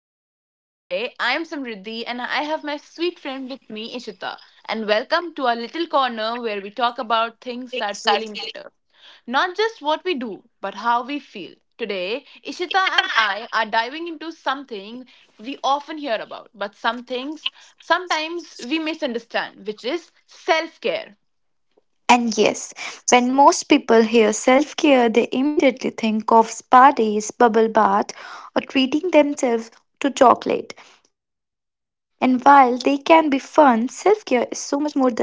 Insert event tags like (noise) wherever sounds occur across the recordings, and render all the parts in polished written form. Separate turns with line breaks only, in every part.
afternoon. Today, I am Samriddhi and I have my sweet friend with me, Ishita. And welcome to our little corner where we talk about things that really matter. Not just what we do, but how we feel. Today, Ishita and I are diving into something we often hear about, but sometimes we misunderstand, which is self care.
And yes, when most people hear self care, they immediately think of spa days, bubble bath, or treating themselves to chocolate. And while they can be fun, self care is so much more than pampering.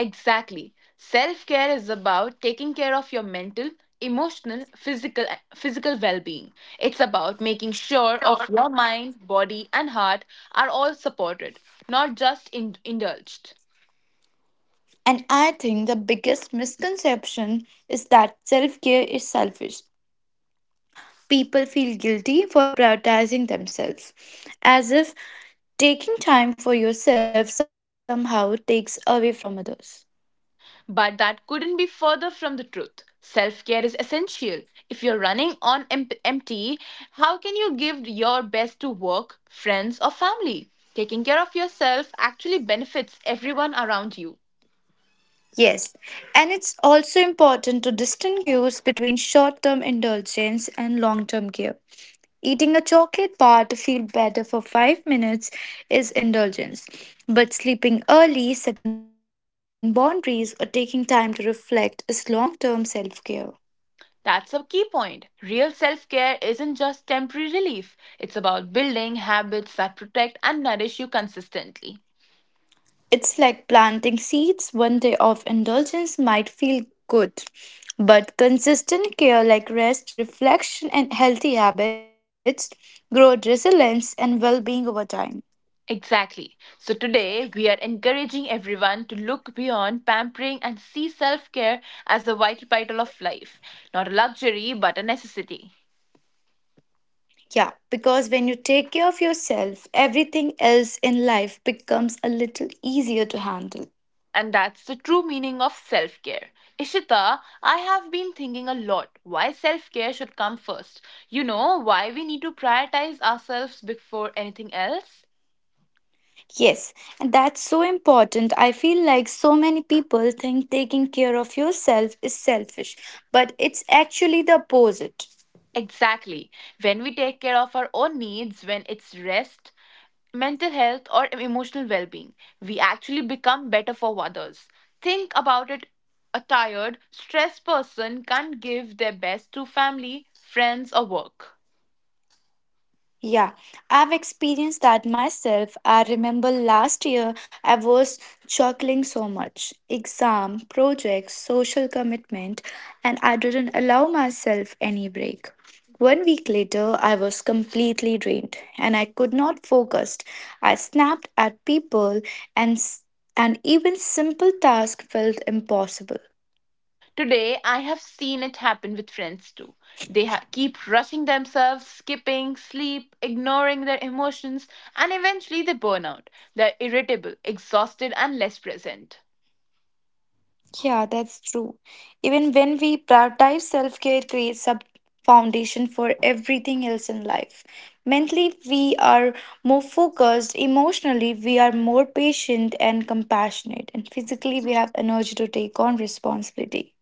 Exactly. Self care is about taking care of your mental, emotional, physical well being. It's about making sure of your mind, body, and heart are all supported, not just indulged.
And I think the biggest misconception is that self care is selfish. People feel guilty for prioritizing themselves, as if taking time for yourself somehow takes away from others.
But that couldn't be further from the truth. Self care is essential. If you're running on empty, how can you give your best to work, friends, or family? Taking care of yourself actually benefits everyone around you.
Yes, and it's also important to distinguish between short term indulgence and long term care. Eating a chocolate bar to feel better for 5 minutes is indulgence, but sleeping early, setting boundaries, or taking time to reflect is long term self care.
That's a key point. Real self care isn't just temporary relief, it's about building habits that protect and nourish you consistently.
It's like planting seeds. One day of indulgence might feel good, but consistent care like rest, reflection, and healthy habits grow resilience and well being over time.
Exactly. So today, we are encouraging everyone to look beyond pampering and see self care as a vital of life, not a luxury, but a necessity.
Yeah, because when you take care of yourself, everything else in life becomes a little easier to handle.
And that's the true meaning of self care. Ishita, I have been thinking a lot why self care should come first. You know, why we need to prioritize ourselves before anything else?
Yes, and that's so important. I feel like so many people think taking care of yourself is selfish, but it's actually the opposite.
Exactly. When we take care of our own needs, when it's rest, mental health, or emotional well being, we actually become better for others. Think about it, a tired, stressed person can't give their best to family, friends, or work.
Yeah, I've experienced that myself. I remember last year I was juggling so much exam, projects, social commitment, and I didn't allow myself any break. One week later, I was completely drained and I could not focus. I snapped at people, and, s- and even simple tasks felt impossible.
Today, I have seen it happen with friends too. They keep rushing themselves, skipping sleep, ignoring their emotions, and eventually they burn out. They're irritable, exhausted, and less present.
Yeah, that's true. Even when we prioritize self care, it creates a foundation for everything else in life. Mentally, we are more focused. Emotionally, we are more patient and compassionate. And physically, we have energy to take on responsibility.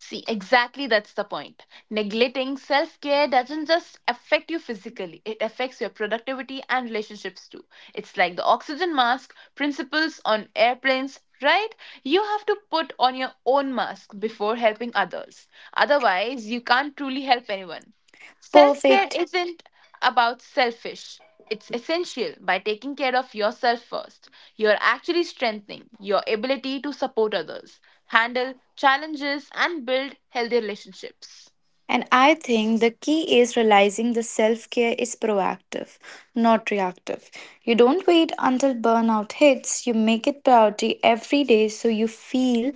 See, exactly that's the point. Neglecting self care doesn't just affect you physically, it affects your productivity and relationships too. It's like the oxygen mask principles on airplanes, right? You have to put on your own mask before helping others. Otherwise, you can't truly help anyone. Self care
Perfect.
isn't about selfish. It's essential by taking care of yourself first. You're actually strengthening your ability to support others, handle challenges, and build healthy relationships.
And I think the key is realizing the self care is proactive, not reactive. You don't wait until burnout hits, you make it priority every day so you feel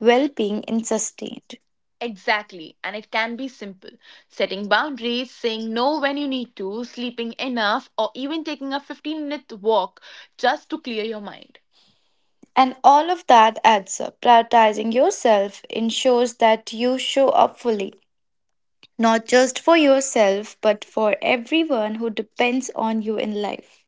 well being and sustained.
Exactly, and it can be simple, setting boundaries, saying no when you need to, sleeping enough, or even taking a 15-minute walk just to clear your mind.
And all of that adds up. Prioritizing yourself ensures that you show up fully, not just for yourself, but for everyone who depends on you in life.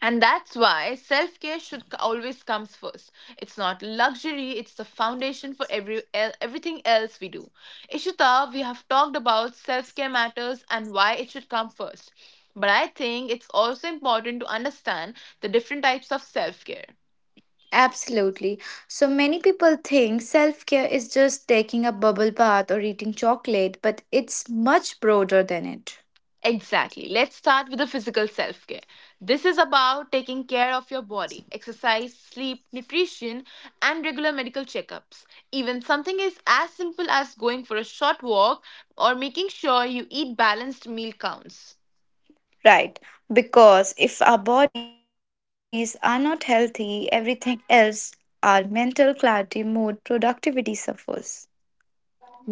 And that's why self care should always comes first. It's not luxury, it's the foundation for everything else we do. Ishita, we have talked about self care matters and why it should come first. But I think it's also important to understand the different types of self care.
Absolutely. So many people think self care is just taking a bubble bath or eating chocolate, but it's much broader than it.
Exactly. Let's start with the physical self care. This is about taking care of your body, exercise, sleep, nutrition, and regular medical checkups. Even something is as simple as going for a short walk or making sure you eat balanced meal counts.
Right, because if our bodies are not healthy, everything else, our mental clarity, mood, productivity suffers.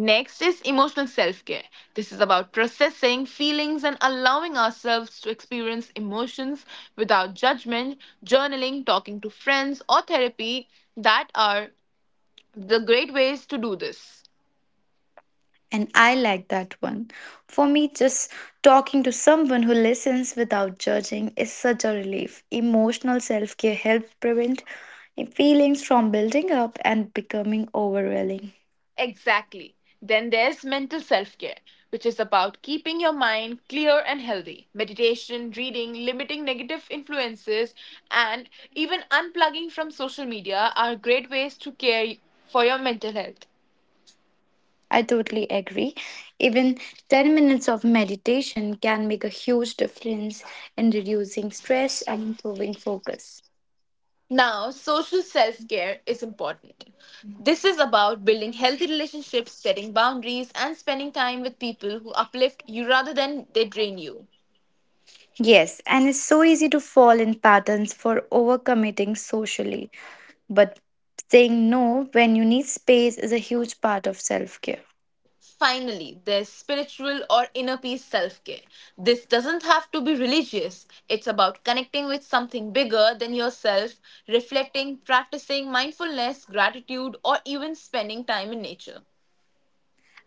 Next is emotional self care. This is about processing feelings and allowing ourselves to experience emotions without judgment, journaling, talking to friends, or therapy that are the great ways to do this.
And I like that one. For me, just talking to someone who listens without judging is such a relief. Emotional self care helps prevent feelings from building up and becoming overwhelming.
Exactly. Then there's mental self care, which is about keeping your mind clear and healthy. Meditation, reading, limiting negative influences, and even unplugging from social media are great ways to care for your mental health.
I totally agree. Even 10 minutes of meditation can make a huge difference in reducing stress and improving focus.
Now, social self care is important. This is about building healthy relationships, setting boundaries, and spending time with people who uplift you rather than they drain you.
Yes, and it's so easy to fall in patterns for overcommitting socially. But saying no when you need space is a huge part of self care.
Finally, there's spiritual or inner peace self care. This doesn't have to be religious, it's about connecting with something bigger than yourself, reflecting, practicing mindfulness, gratitude, or even spending time in nature.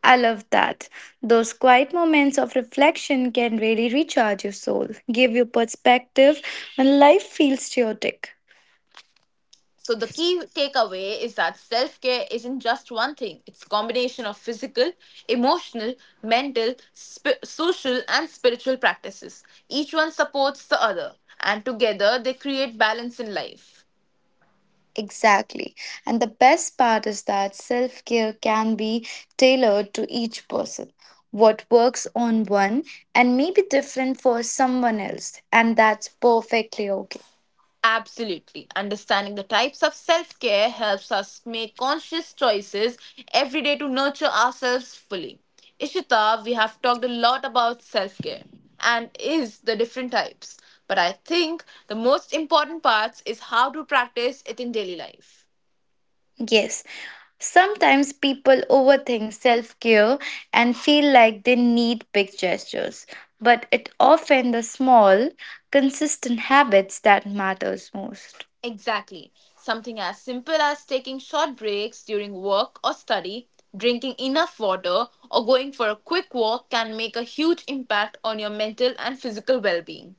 I love that. Those quiet moments of reflection can really recharge your soul, give you perspective when life feels chaotic.
So the key takeaway is that self-care isn't just one thing. It's a combination of physical, emotional, mental, social and spiritual practices. Each one supports the other and together they create balance in life.
Exactly. And the best part is that self care can be tailored to each person. What works on one and may be different for someone else, and that's perfectly okay.
Absolutely. Understanding the types of self care helps us make conscious choices every day to nurture ourselves fully. Ishita, we have talked a lot about self care and is the different types, but I think the most important parts is how to practice it in daily life.
Yes, sometimes people overthink self care and feel like they need big gestures, but it often the small, consistent habits that matters most.
Exactly. Something as simple as taking short breaks during work or study, drinking enough water, or going for a quick walk can make a huge impact on your mental and physical well being.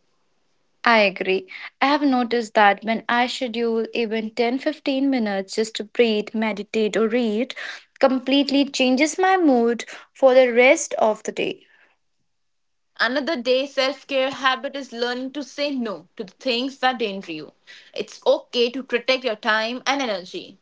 I agree. I have noticed that when I schedule even 10, 15 minutes just to breathe, meditate, or read, completely changes my mood for the rest of the day.
Another day self care habit is learning to say no to the things that drain you. It's okay to protect your time and energy.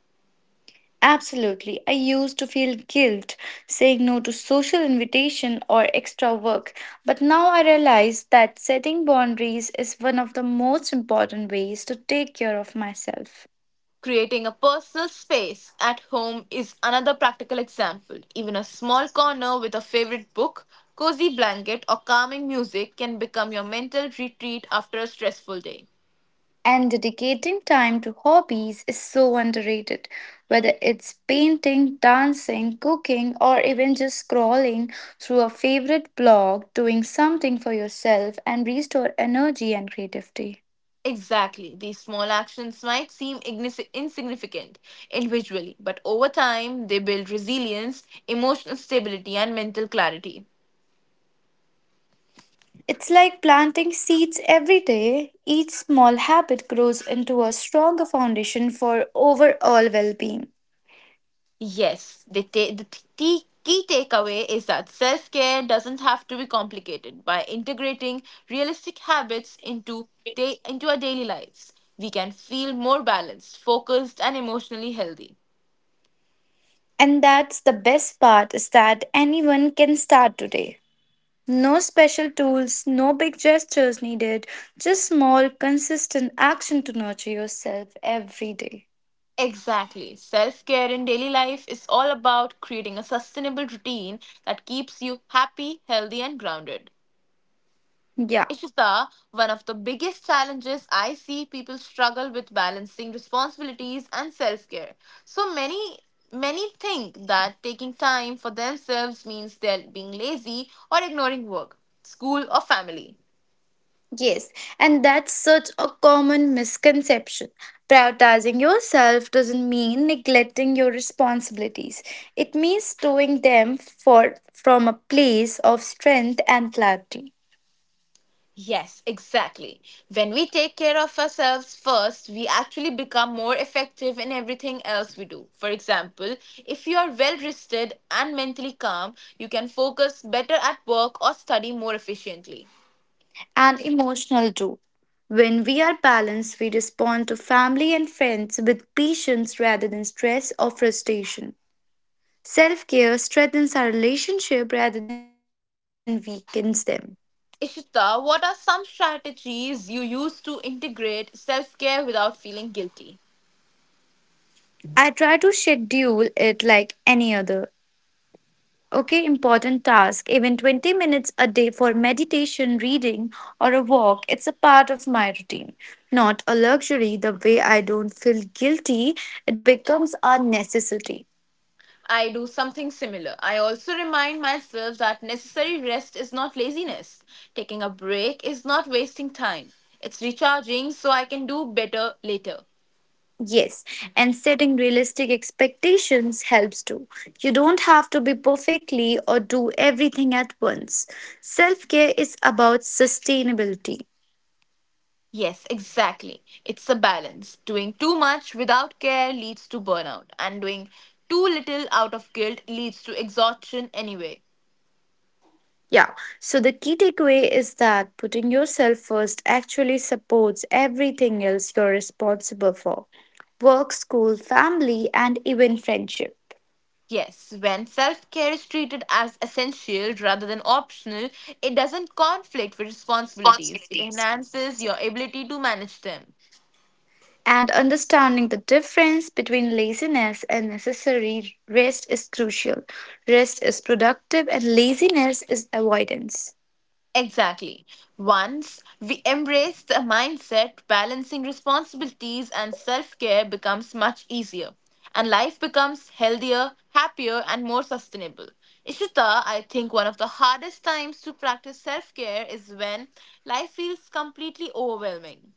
Absolutely. I used to feel guilt saying no to social invitation or extra work, but now I realize that setting boundaries is one of the most important ways to take care of myself.
Creating a personal space at home is another practical example. Even a small corner with a favorite book, cozy blanket, or calming music can become your mental retreat after a stressful day.
And dedicating time to hobbies is so underrated. Whether it's painting, dancing, cooking, or even just scrolling through a favorite blog, doing something for yourself and restore energy and creativity.
Exactly. These small actions might seem insignificant individually, but over time they build resilience, emotional stability, and mental clarity.
It's like planting seeds every day. Each small habit grows into a stronger foundation for overall well being.
Yes, the key takeaway is that self care doesn't have to be complicated. By integrating realistic habits into our daily lives, we can feel more balanced, focused, and emotionally healthy.
And that's the best part is that anyone can start today. No special tools, no big gestures needed, just small, consistent action to nurture yourself every day.
Exactly. Self care in daily life is all about creating a sustainable routine that keeps you happy, healthy, and grounded.
Yeah,
Ishita, one of the biggest challenges I see people struggle with balancing responsibilities and self care. So many think that taking time for themselves means they're being lazy or ignoring work, school or family.
yes, and that's such a common misconception. Prioritizing yourself doesn't mean neglecting your responsibilities. It means doing them for from a place of strength and clarity
Yes, exactly. When we take care of ourselves first, we actually become more effective in everything else we do. For example, if you are well rested and mentally calm, you can focus better at work or study more efficiently.
and emotional too. When we are balanced, we respond to family and friends with patience rather than stress or frustration. Self care strengthens our relationship rather than weakens them.
Ishita, what are some strategies you use to integrate self care without feeling guilty?
I try to schedule it like any other. Okay, important task, even 20 minutes a day for meditation, reading, or a walk, it's a part of my routine. Not a luxury, the way I don't feel guilty, it becomes a necessity.
I do something similar. I also remind myself that necessary rest is not laziness. Taking a break is not wasting time. It's recharging so I can do better later.
Yes, and setting realistic expectations helps too. You don't have to be perfectly or do everything at once. Self care is about sustainability.
Yes, exactly. It's a balance. Doing too much without care leads to burnout, and doing too little out of guilt leads to exhaustion anyway.
Yeah, so the key takeaway is that putting yourself first actually supports everything else you're responsible for work, school, family, and even friendship.
Yes, when self care is treated as essential rather than optional, it doesn't conflict with responsibilities. It enhances your ability to manage them.
And understanding the difference between laziness and necessary rest is crucial. Rest is productive, and laziness is avoidance.
Exactly. Once we embrace the mindset, balancing responsibilities and self care becomes much easier, and life becomes healthier, happier, and more sustainable. Ishita, I think one of the hardest times to practice self care is when life feels completely overwhelming.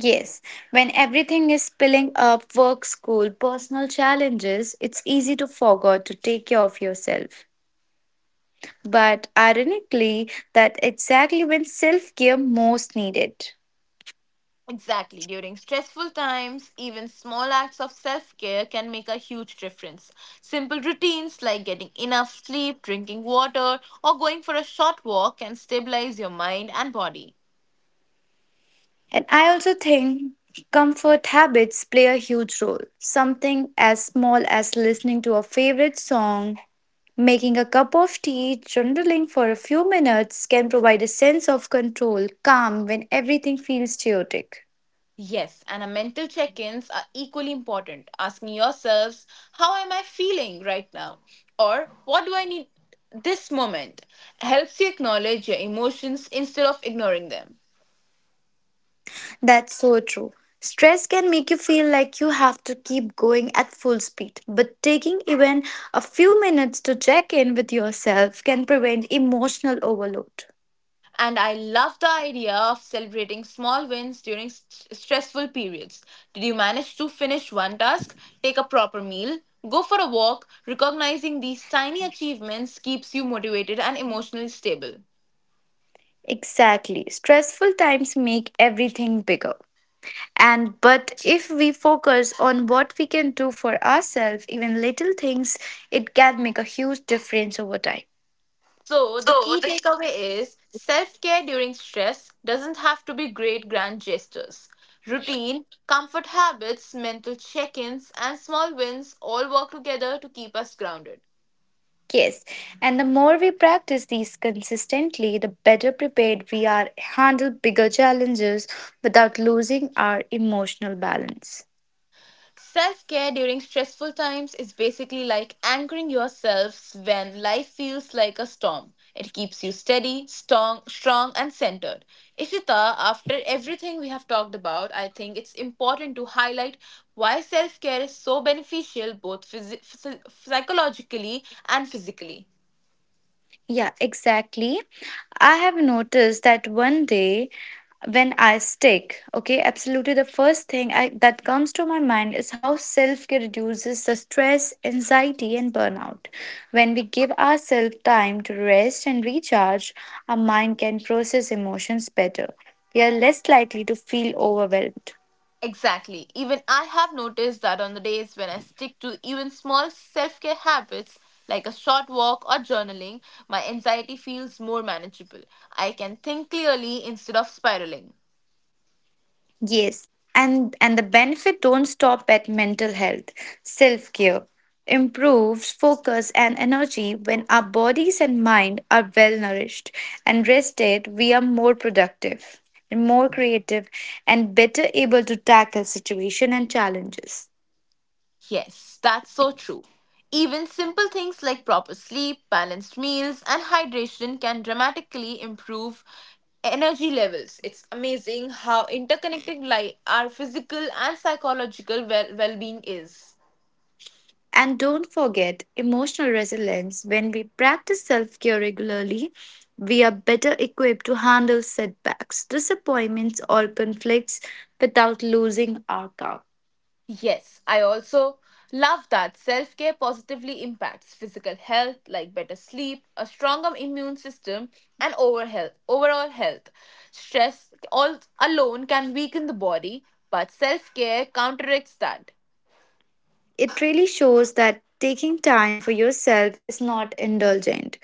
Yes, when everything is piling up work, school, personal challenges it's easy to forget to take care of yourself. But ironically, that exactly when self care most needed.
Exactly. During stressful times, even small acts of self care can make a huge difference. Simple routines like getting enough sleep, drinking water, or going for a short walk can stabilize your mind and body.
And I also think comfort habits play a huge role. Something as small as listening to a favorite song, making a cup of tea, journaling for a few minutes can provide a sense of control, calm when everything feels chaotic.
Yes, and our mental check ins are equally important. Asking yourselves, how am I feeling right now? Or what do I need this moment? Helps you acknowledge your emotions instead of ignoring them.
That's so true. Stress can make you feel like you have to keep going at full speed, but taking even a few minutes to check in with yourself can prevent emotional overload.
And I love the idea of celebrating small wins during stressful periods. Did you manage to finish one task, take a proper meal, go for a walk? Recognizing these tiny achievements keeps you motivated and emotionally stable.
Exactly. Stressful times make everything bigger. And but if we focus on what we can do for ourselves, even little things, it can make a huge difference over time.
So, the key takeaway is self care during stress doesn't have to be great grand gestures. Routine, comfort habits, mental check ins, and small wins all work together to keep us grounded.
Yes, and the more we practice these consistently, the better prepared we are handle bigger challenges without losing our emotional balance.
Self care during stressful times is basically like anchoring yourselves when life feels like a storm. It keeps you steady, strong and centered. Ishita, after everything we have talked about, I think it's important to highlight why self care is so beneficial both psychologically and physically.
Yeah, exactly. I have noticed that one day when I stick, okay, absolutely the first thing that comes to my mind is how self care reduces the stress, anxiety, and burnout. When we give ourselves time to rest and recharge, our mind can process emotions better. We are less likely to feel overwhelmed.
Exactly. Even I have noticed that on the days when I stick to even small self care habits like a short walk or journaling, my anxiety feels more manageable. I can think clearly instead of spiraling.
Yes, and the benefit don't stop at mental health. Self-care improves focus and energy when our bodies and mind are well nourished and rested, we are more productive and more creative and better able to tackle situation and challenges.
Yes, that's so true. Even simple things like proper sleep, balanced meals, and hydration can dramatically improve energy levels. It's amazing how interconnected our physical and psychological well being is.
And don't forget emotional resilience. When we practice self care regularly, we are better equipped to handle setbacks, disappointments, or conflicts without losing our calm.
Yes, I also love that self care positively impacts physical health, like better sleep, a stronger immune system, and Overall health. Stress all alone can weaken the body, but self care counteracts that.
It really shows that taking time for yourself is not indulgent.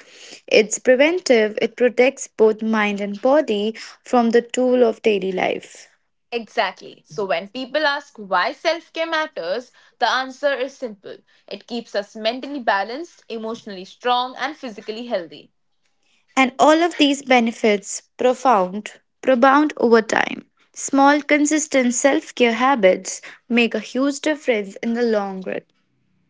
It's preventive, it protects both mind and body from the toll of daily life.
Exactly. So when people ask why self care matters, the answer is simple, it keeps us mentally balanced, emotionally strong, and physically healthy.
And all of these benefits profound, propound over time. Small, consistent self care habits make a huge difference in the long run.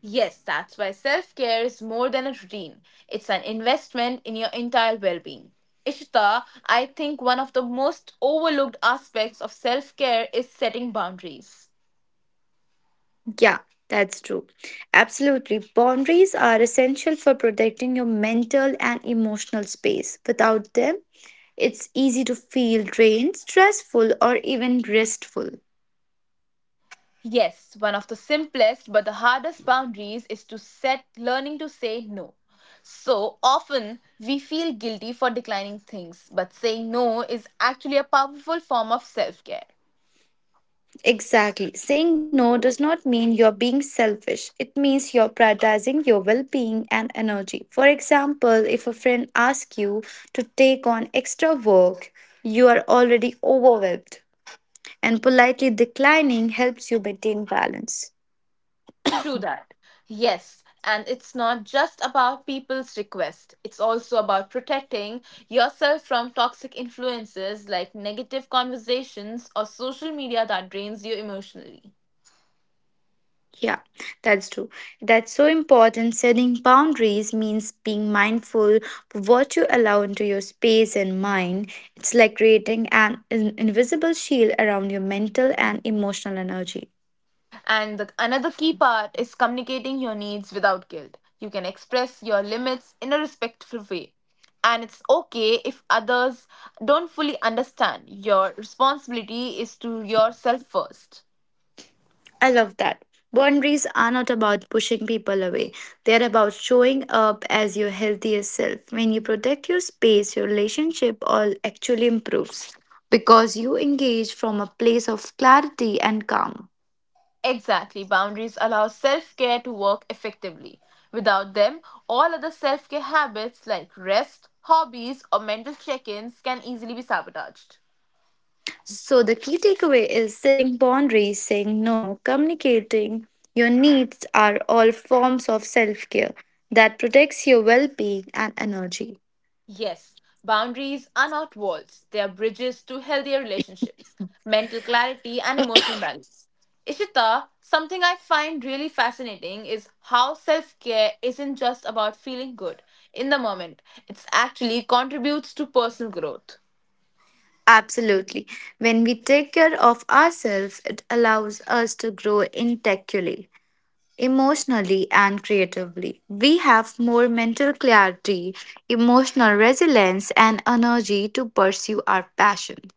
Yes, that's why self care is more than a routine. It's an investment in your entire well being. Ishita, I think one of the most overlooked aspects of self care is setting boundaries.
Yeah, that's true. Absolutely. Boundaries are essential for protecting your mental and emotional space. Without them, it's easy to feel drained, stressful, or even restful.
Yes, one of the simplest but the hardest boundaries is to set learning to say no. So often we feel guilty for declining things, but saying no is actually a powerful form of self care.
Exactly. Saying no does not mean you're being selfish. It means you're prioritizing your well being and energy. For example, if a friend asks you to take on extra work, you are already overwhelmed, and politely declining helps you maintain balance.
True that. Yes, and it's not just about people's request. It's also about protecting yourself from toxic influences like negative conversations or social media that drains you emotionally.
Yeah, that's true. That's so important. Setting boundaries means being mindful of what you allow into your space and mind. It's like creating an invisible shield around your mental and emotional energy.
And another key part is communicating your needs without guilt. You can express your limits in a respectful way. And it's okay if others don't fully understand. Your responsibility is to yourself first.
I love that. Boundaries are not about pushing people away. They're about showing up as your healthiest self. When you protect your space, your relationship all actually improves because you engage from a place of clarity and calm.
Exactly, boundaries allow self care to work effectively. Without them, all other self care habits like rest, hobbies, or mental check ins can easily be sabotaged.
So the key takeaway is setting boundaries, saying no, communicating your needs are all forms of self care that protects your well being and energy.
Yes, boundaries are not walls, they are bridges to healthier relationships, mental clarity, and emotional balance. Ishita, something I find really fascinating is how self care isn't just about feeling good in the moment, it actually contributes to personal growth.
Absolutely. When we take care of ourselves, it allows us to grow intellectually, emotionally, and creatively. We have more mental clarity, emotional resilience, and energy to pursue our passion.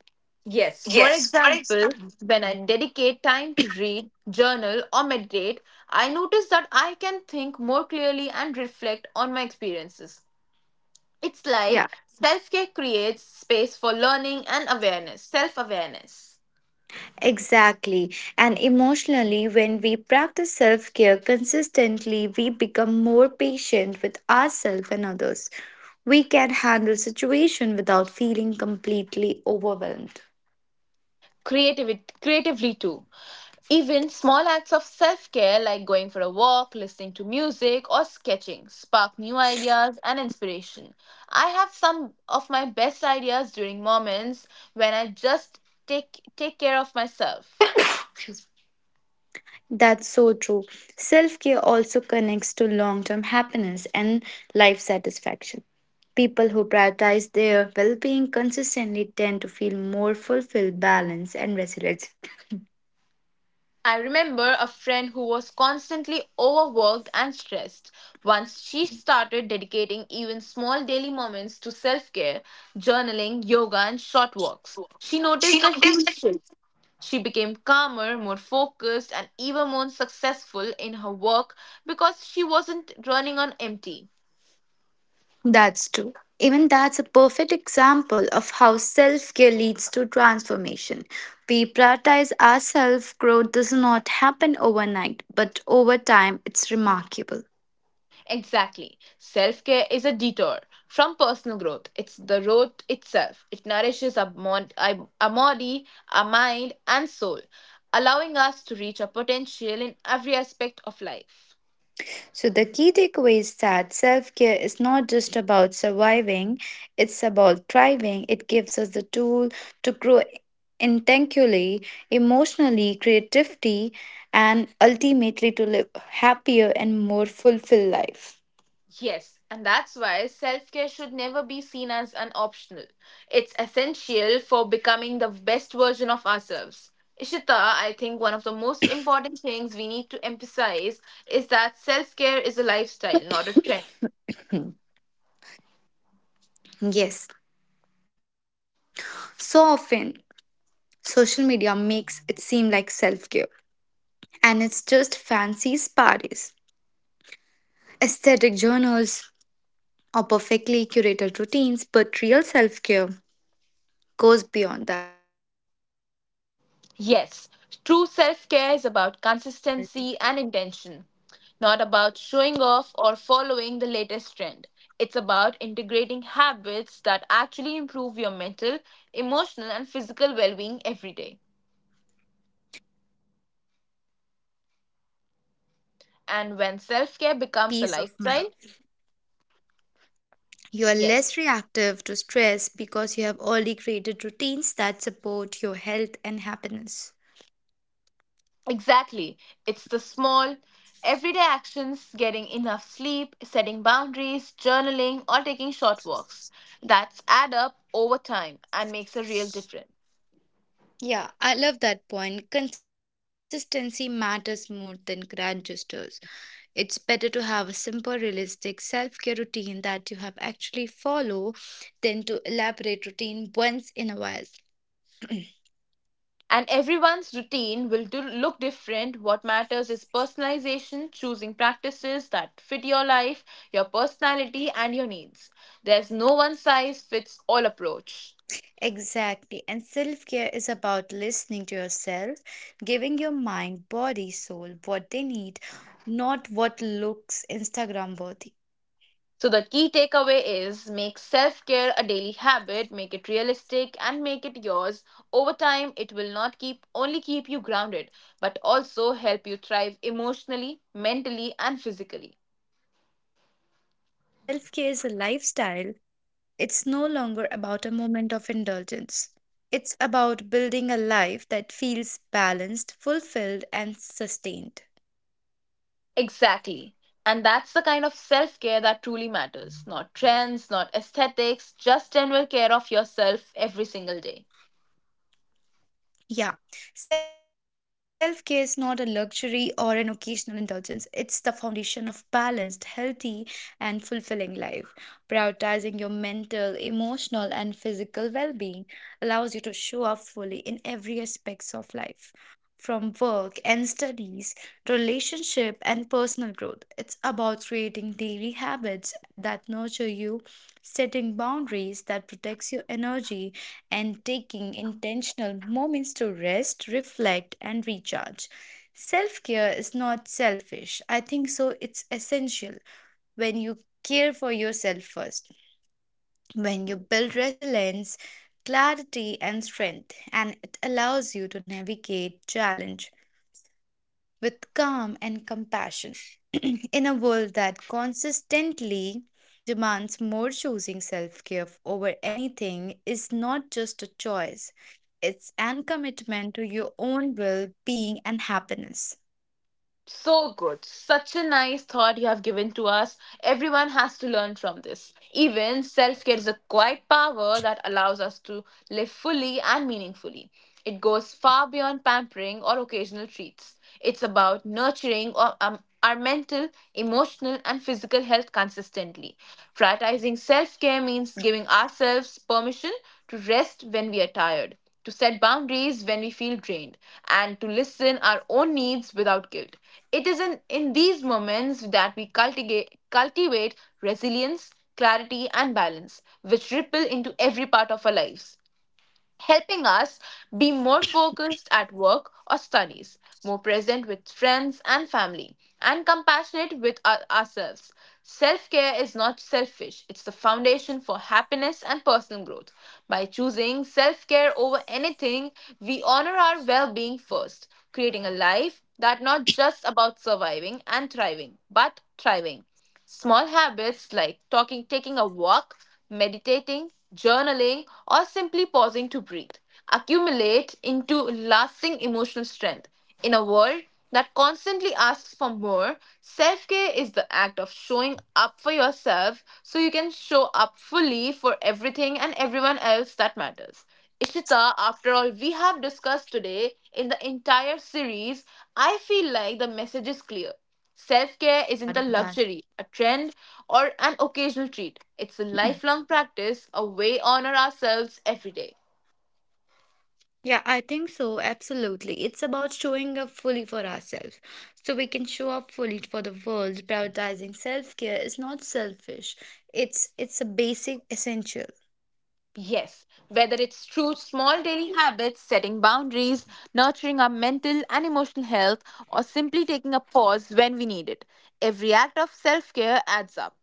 Yes, for example, when I dedicate time to read, journal, or meditate, I notice that I can think more clearly and reflect on my experiences. It's like
Yeah.
self care creates space for learning and awareness, self awareness,
Exactly. And emotionally, when we practice self care consistently, we become more patient with ourselves and others. We can handle situation without feeling completely overwhelmed.
creativity, creatively too. Even small acts of self care like going for a walk, listening to music, or sketching spark new ideas and inspiration. I have some of my best ideas during moments when I just take care of myself.
That's so true. Self care also connects to long term happiness and life satisfaction. People who prioritize their well being consistently tend to feel more fulfilled, balanced, and resilient.
I remember a friend who was constantly overworked and stressed. Once she started dedicating even small daily moments to self care, journaling, yoga, and short walks, she noticed a huge shift. She became calmer, more focused, and even more successful in her work because she wasn't running on empty.
That's true. Even that's a perfect example of how self care leads to transformation. We prioritize our self growth does not happen overnight, but over time it's remarkable.
Exactly. Self care is a detour from personal growth. It's the road itself. It nourishes our body, our mind, and soul, allowing us to reach our potential in every aspect of life.
So, the key takeaway is that self care is not just about surviving, it's about thriving. It gives us the tool to grow intellectually, emotionally, creativity, and ultimately to live happier and more fulfilled life.
Yes, and that's why self care should never be seen as an optional. It's essential for becoming the best version of ourselves. Ishita, I think one of the most important things we need to emphasize is that self care is a lifestyle, not a trend.
Yes, so often, social media makes it seem like self care, and it's just fancy parties, aesthetic journals, or perfectly curated routines, but real self care goes beyond that.
Yes, true self care is about consistency and intention, not about showing off or following the latest trend. It's about integrating habits that actually improve your mental, emotional, and physical well being every day. And when self care becomes a
Peace of
lifestyle,
mind. You are
yes,
less reactive to stress because you have already created routines that support your health and happiness.
exactly. It's the small, everyday actions getting enough sleep, setting boundaries, journaling, or taking short walks that add up over time and makes a real difference.
Yeah, I love that point. Consistency matters more than grand gestures. It's better to have a simple, realistic self care routine that you have actually follow than to elaborate routine once in a while.
And everyone's routine will do, look different. What matters is personalization, choosing practices that fit your life, your personality, and your needs. There's no one size fits all approach.
Exactly. And self care is about listening to yourself, giving your mind, body, soul what they need, not what looks Instagram worthy.
So, the key takeaway is make self care a daily habit, make it realistic, and make it yours. Over time, it will not keep only keep you grounded, but also help you thrive emotionally, mentally, and physically.
Self care is a lifestyle. It's no longer about a moment of indulgence. It's about building a life that feels balanced, fulfilled, and sustained.
Exactly. And that's the kind of self care that truly matters. Not trends, not aesthetics, just general care of yourself every single day.
Yeah, self care is not a luxury or an occasional indulgence. It's the foundation of balanced, healthy, and fulfilling life. Prioritizing your mental, emotional, and physical well being allows you to show up fully in every aspects of life. From work and studies to relationship and personal growth, it's about creating daily habits that nurture you, setting boundaries that protects your energy, and taking intentional moments to rest, reflect, and recharge. Self care is not selfish. I think so. It's essential when you care for yourself first, when you build resilience, clarity, and strength, and it allows you to navigate challenge with calm and compassion (clears throat) in a world that consistently demands more, choosing self-care over anything is not just a choice, it's an commitment to your own well-being and happiness.
So good. Such a nice thought you have given to us. Everyone has to learn from this. Even self care is a quiet power that allows us to live fully and meaningfully. It goes far beyond pampering or occasional treats. It's about nurturing our mental, emotional, and physical health consistently. Prioritizing self care means giving ourselves permission to rest when we are tired to set boundaries when we feel drained, and to listen our own needs without guilt. It is in these moments that we cultivate resilience, clarity, and balance, which ripple into every part of our lives helping us be more focused at work or studies, more present with friends and family, and compassionate with ourselves. Self care is not selfish, it's the foundation for happiness and personal growth. By choosing self care over anything, we honor our well being first, creating a life that not just about surviving and thriving, but thriving. Small habits like talking, taking a walk, meditating, journaling, or simply pausing to breathe accumulate into lasting emotional strength. In a world that constantly asks for more, self care is the act of showing up for yourself so you can show up fully for everything and everyone else that matters. Ishita, after all we have discussed today in the entire series, I feel like the message is clear. Self care isn't a
That?
luxury, a trend, or an occasional treat. It's a lifelong practice, a way to honor ourselves every day.
Yeah, I think so. Absolutely. It's about showing up fully for ourselves so we can show up fully for the world. Prioritizing self-care is not selfish. It's a basic essential.
Yes, whether it's through small daily habits, setting boundaries, nurturing our mental and emotional health, or simply taking a pause when we need it, every act of self care adds up.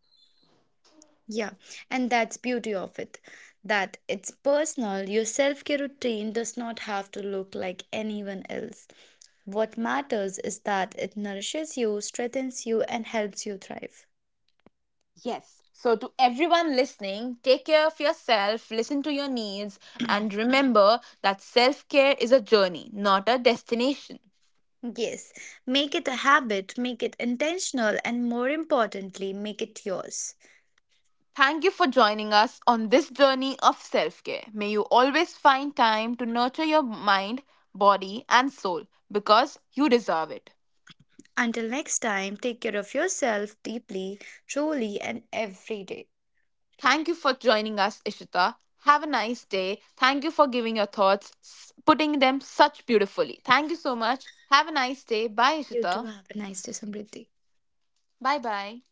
Yeah. And that's beauty of it. That it's personal. Your self-care routine does not have to look like anyone else. What matters is that it nourishes you, strengthens you, and helps you thrive.
Yes. So, to everyone listening, take care of yourself, listen to your needs, and remember that self care is a journey, not a destination.
Yes, make it a habit, make it intentional, and more importantly, make it yours.
Thank you for joining us on this journey of self care. May you always find time to nurture your mind, body, and soul because you deserve it.
Until next time, take care of yourself deeply, truly, and every day.
Thank you for joining us, Ishita. Have a nice day. Thank you for giving your thoughts, putting them such beautifully. Thank you so much. Have a nice day. Bye,
You too
Ishita.
have a nice day, Samriddhi.
Bye bye.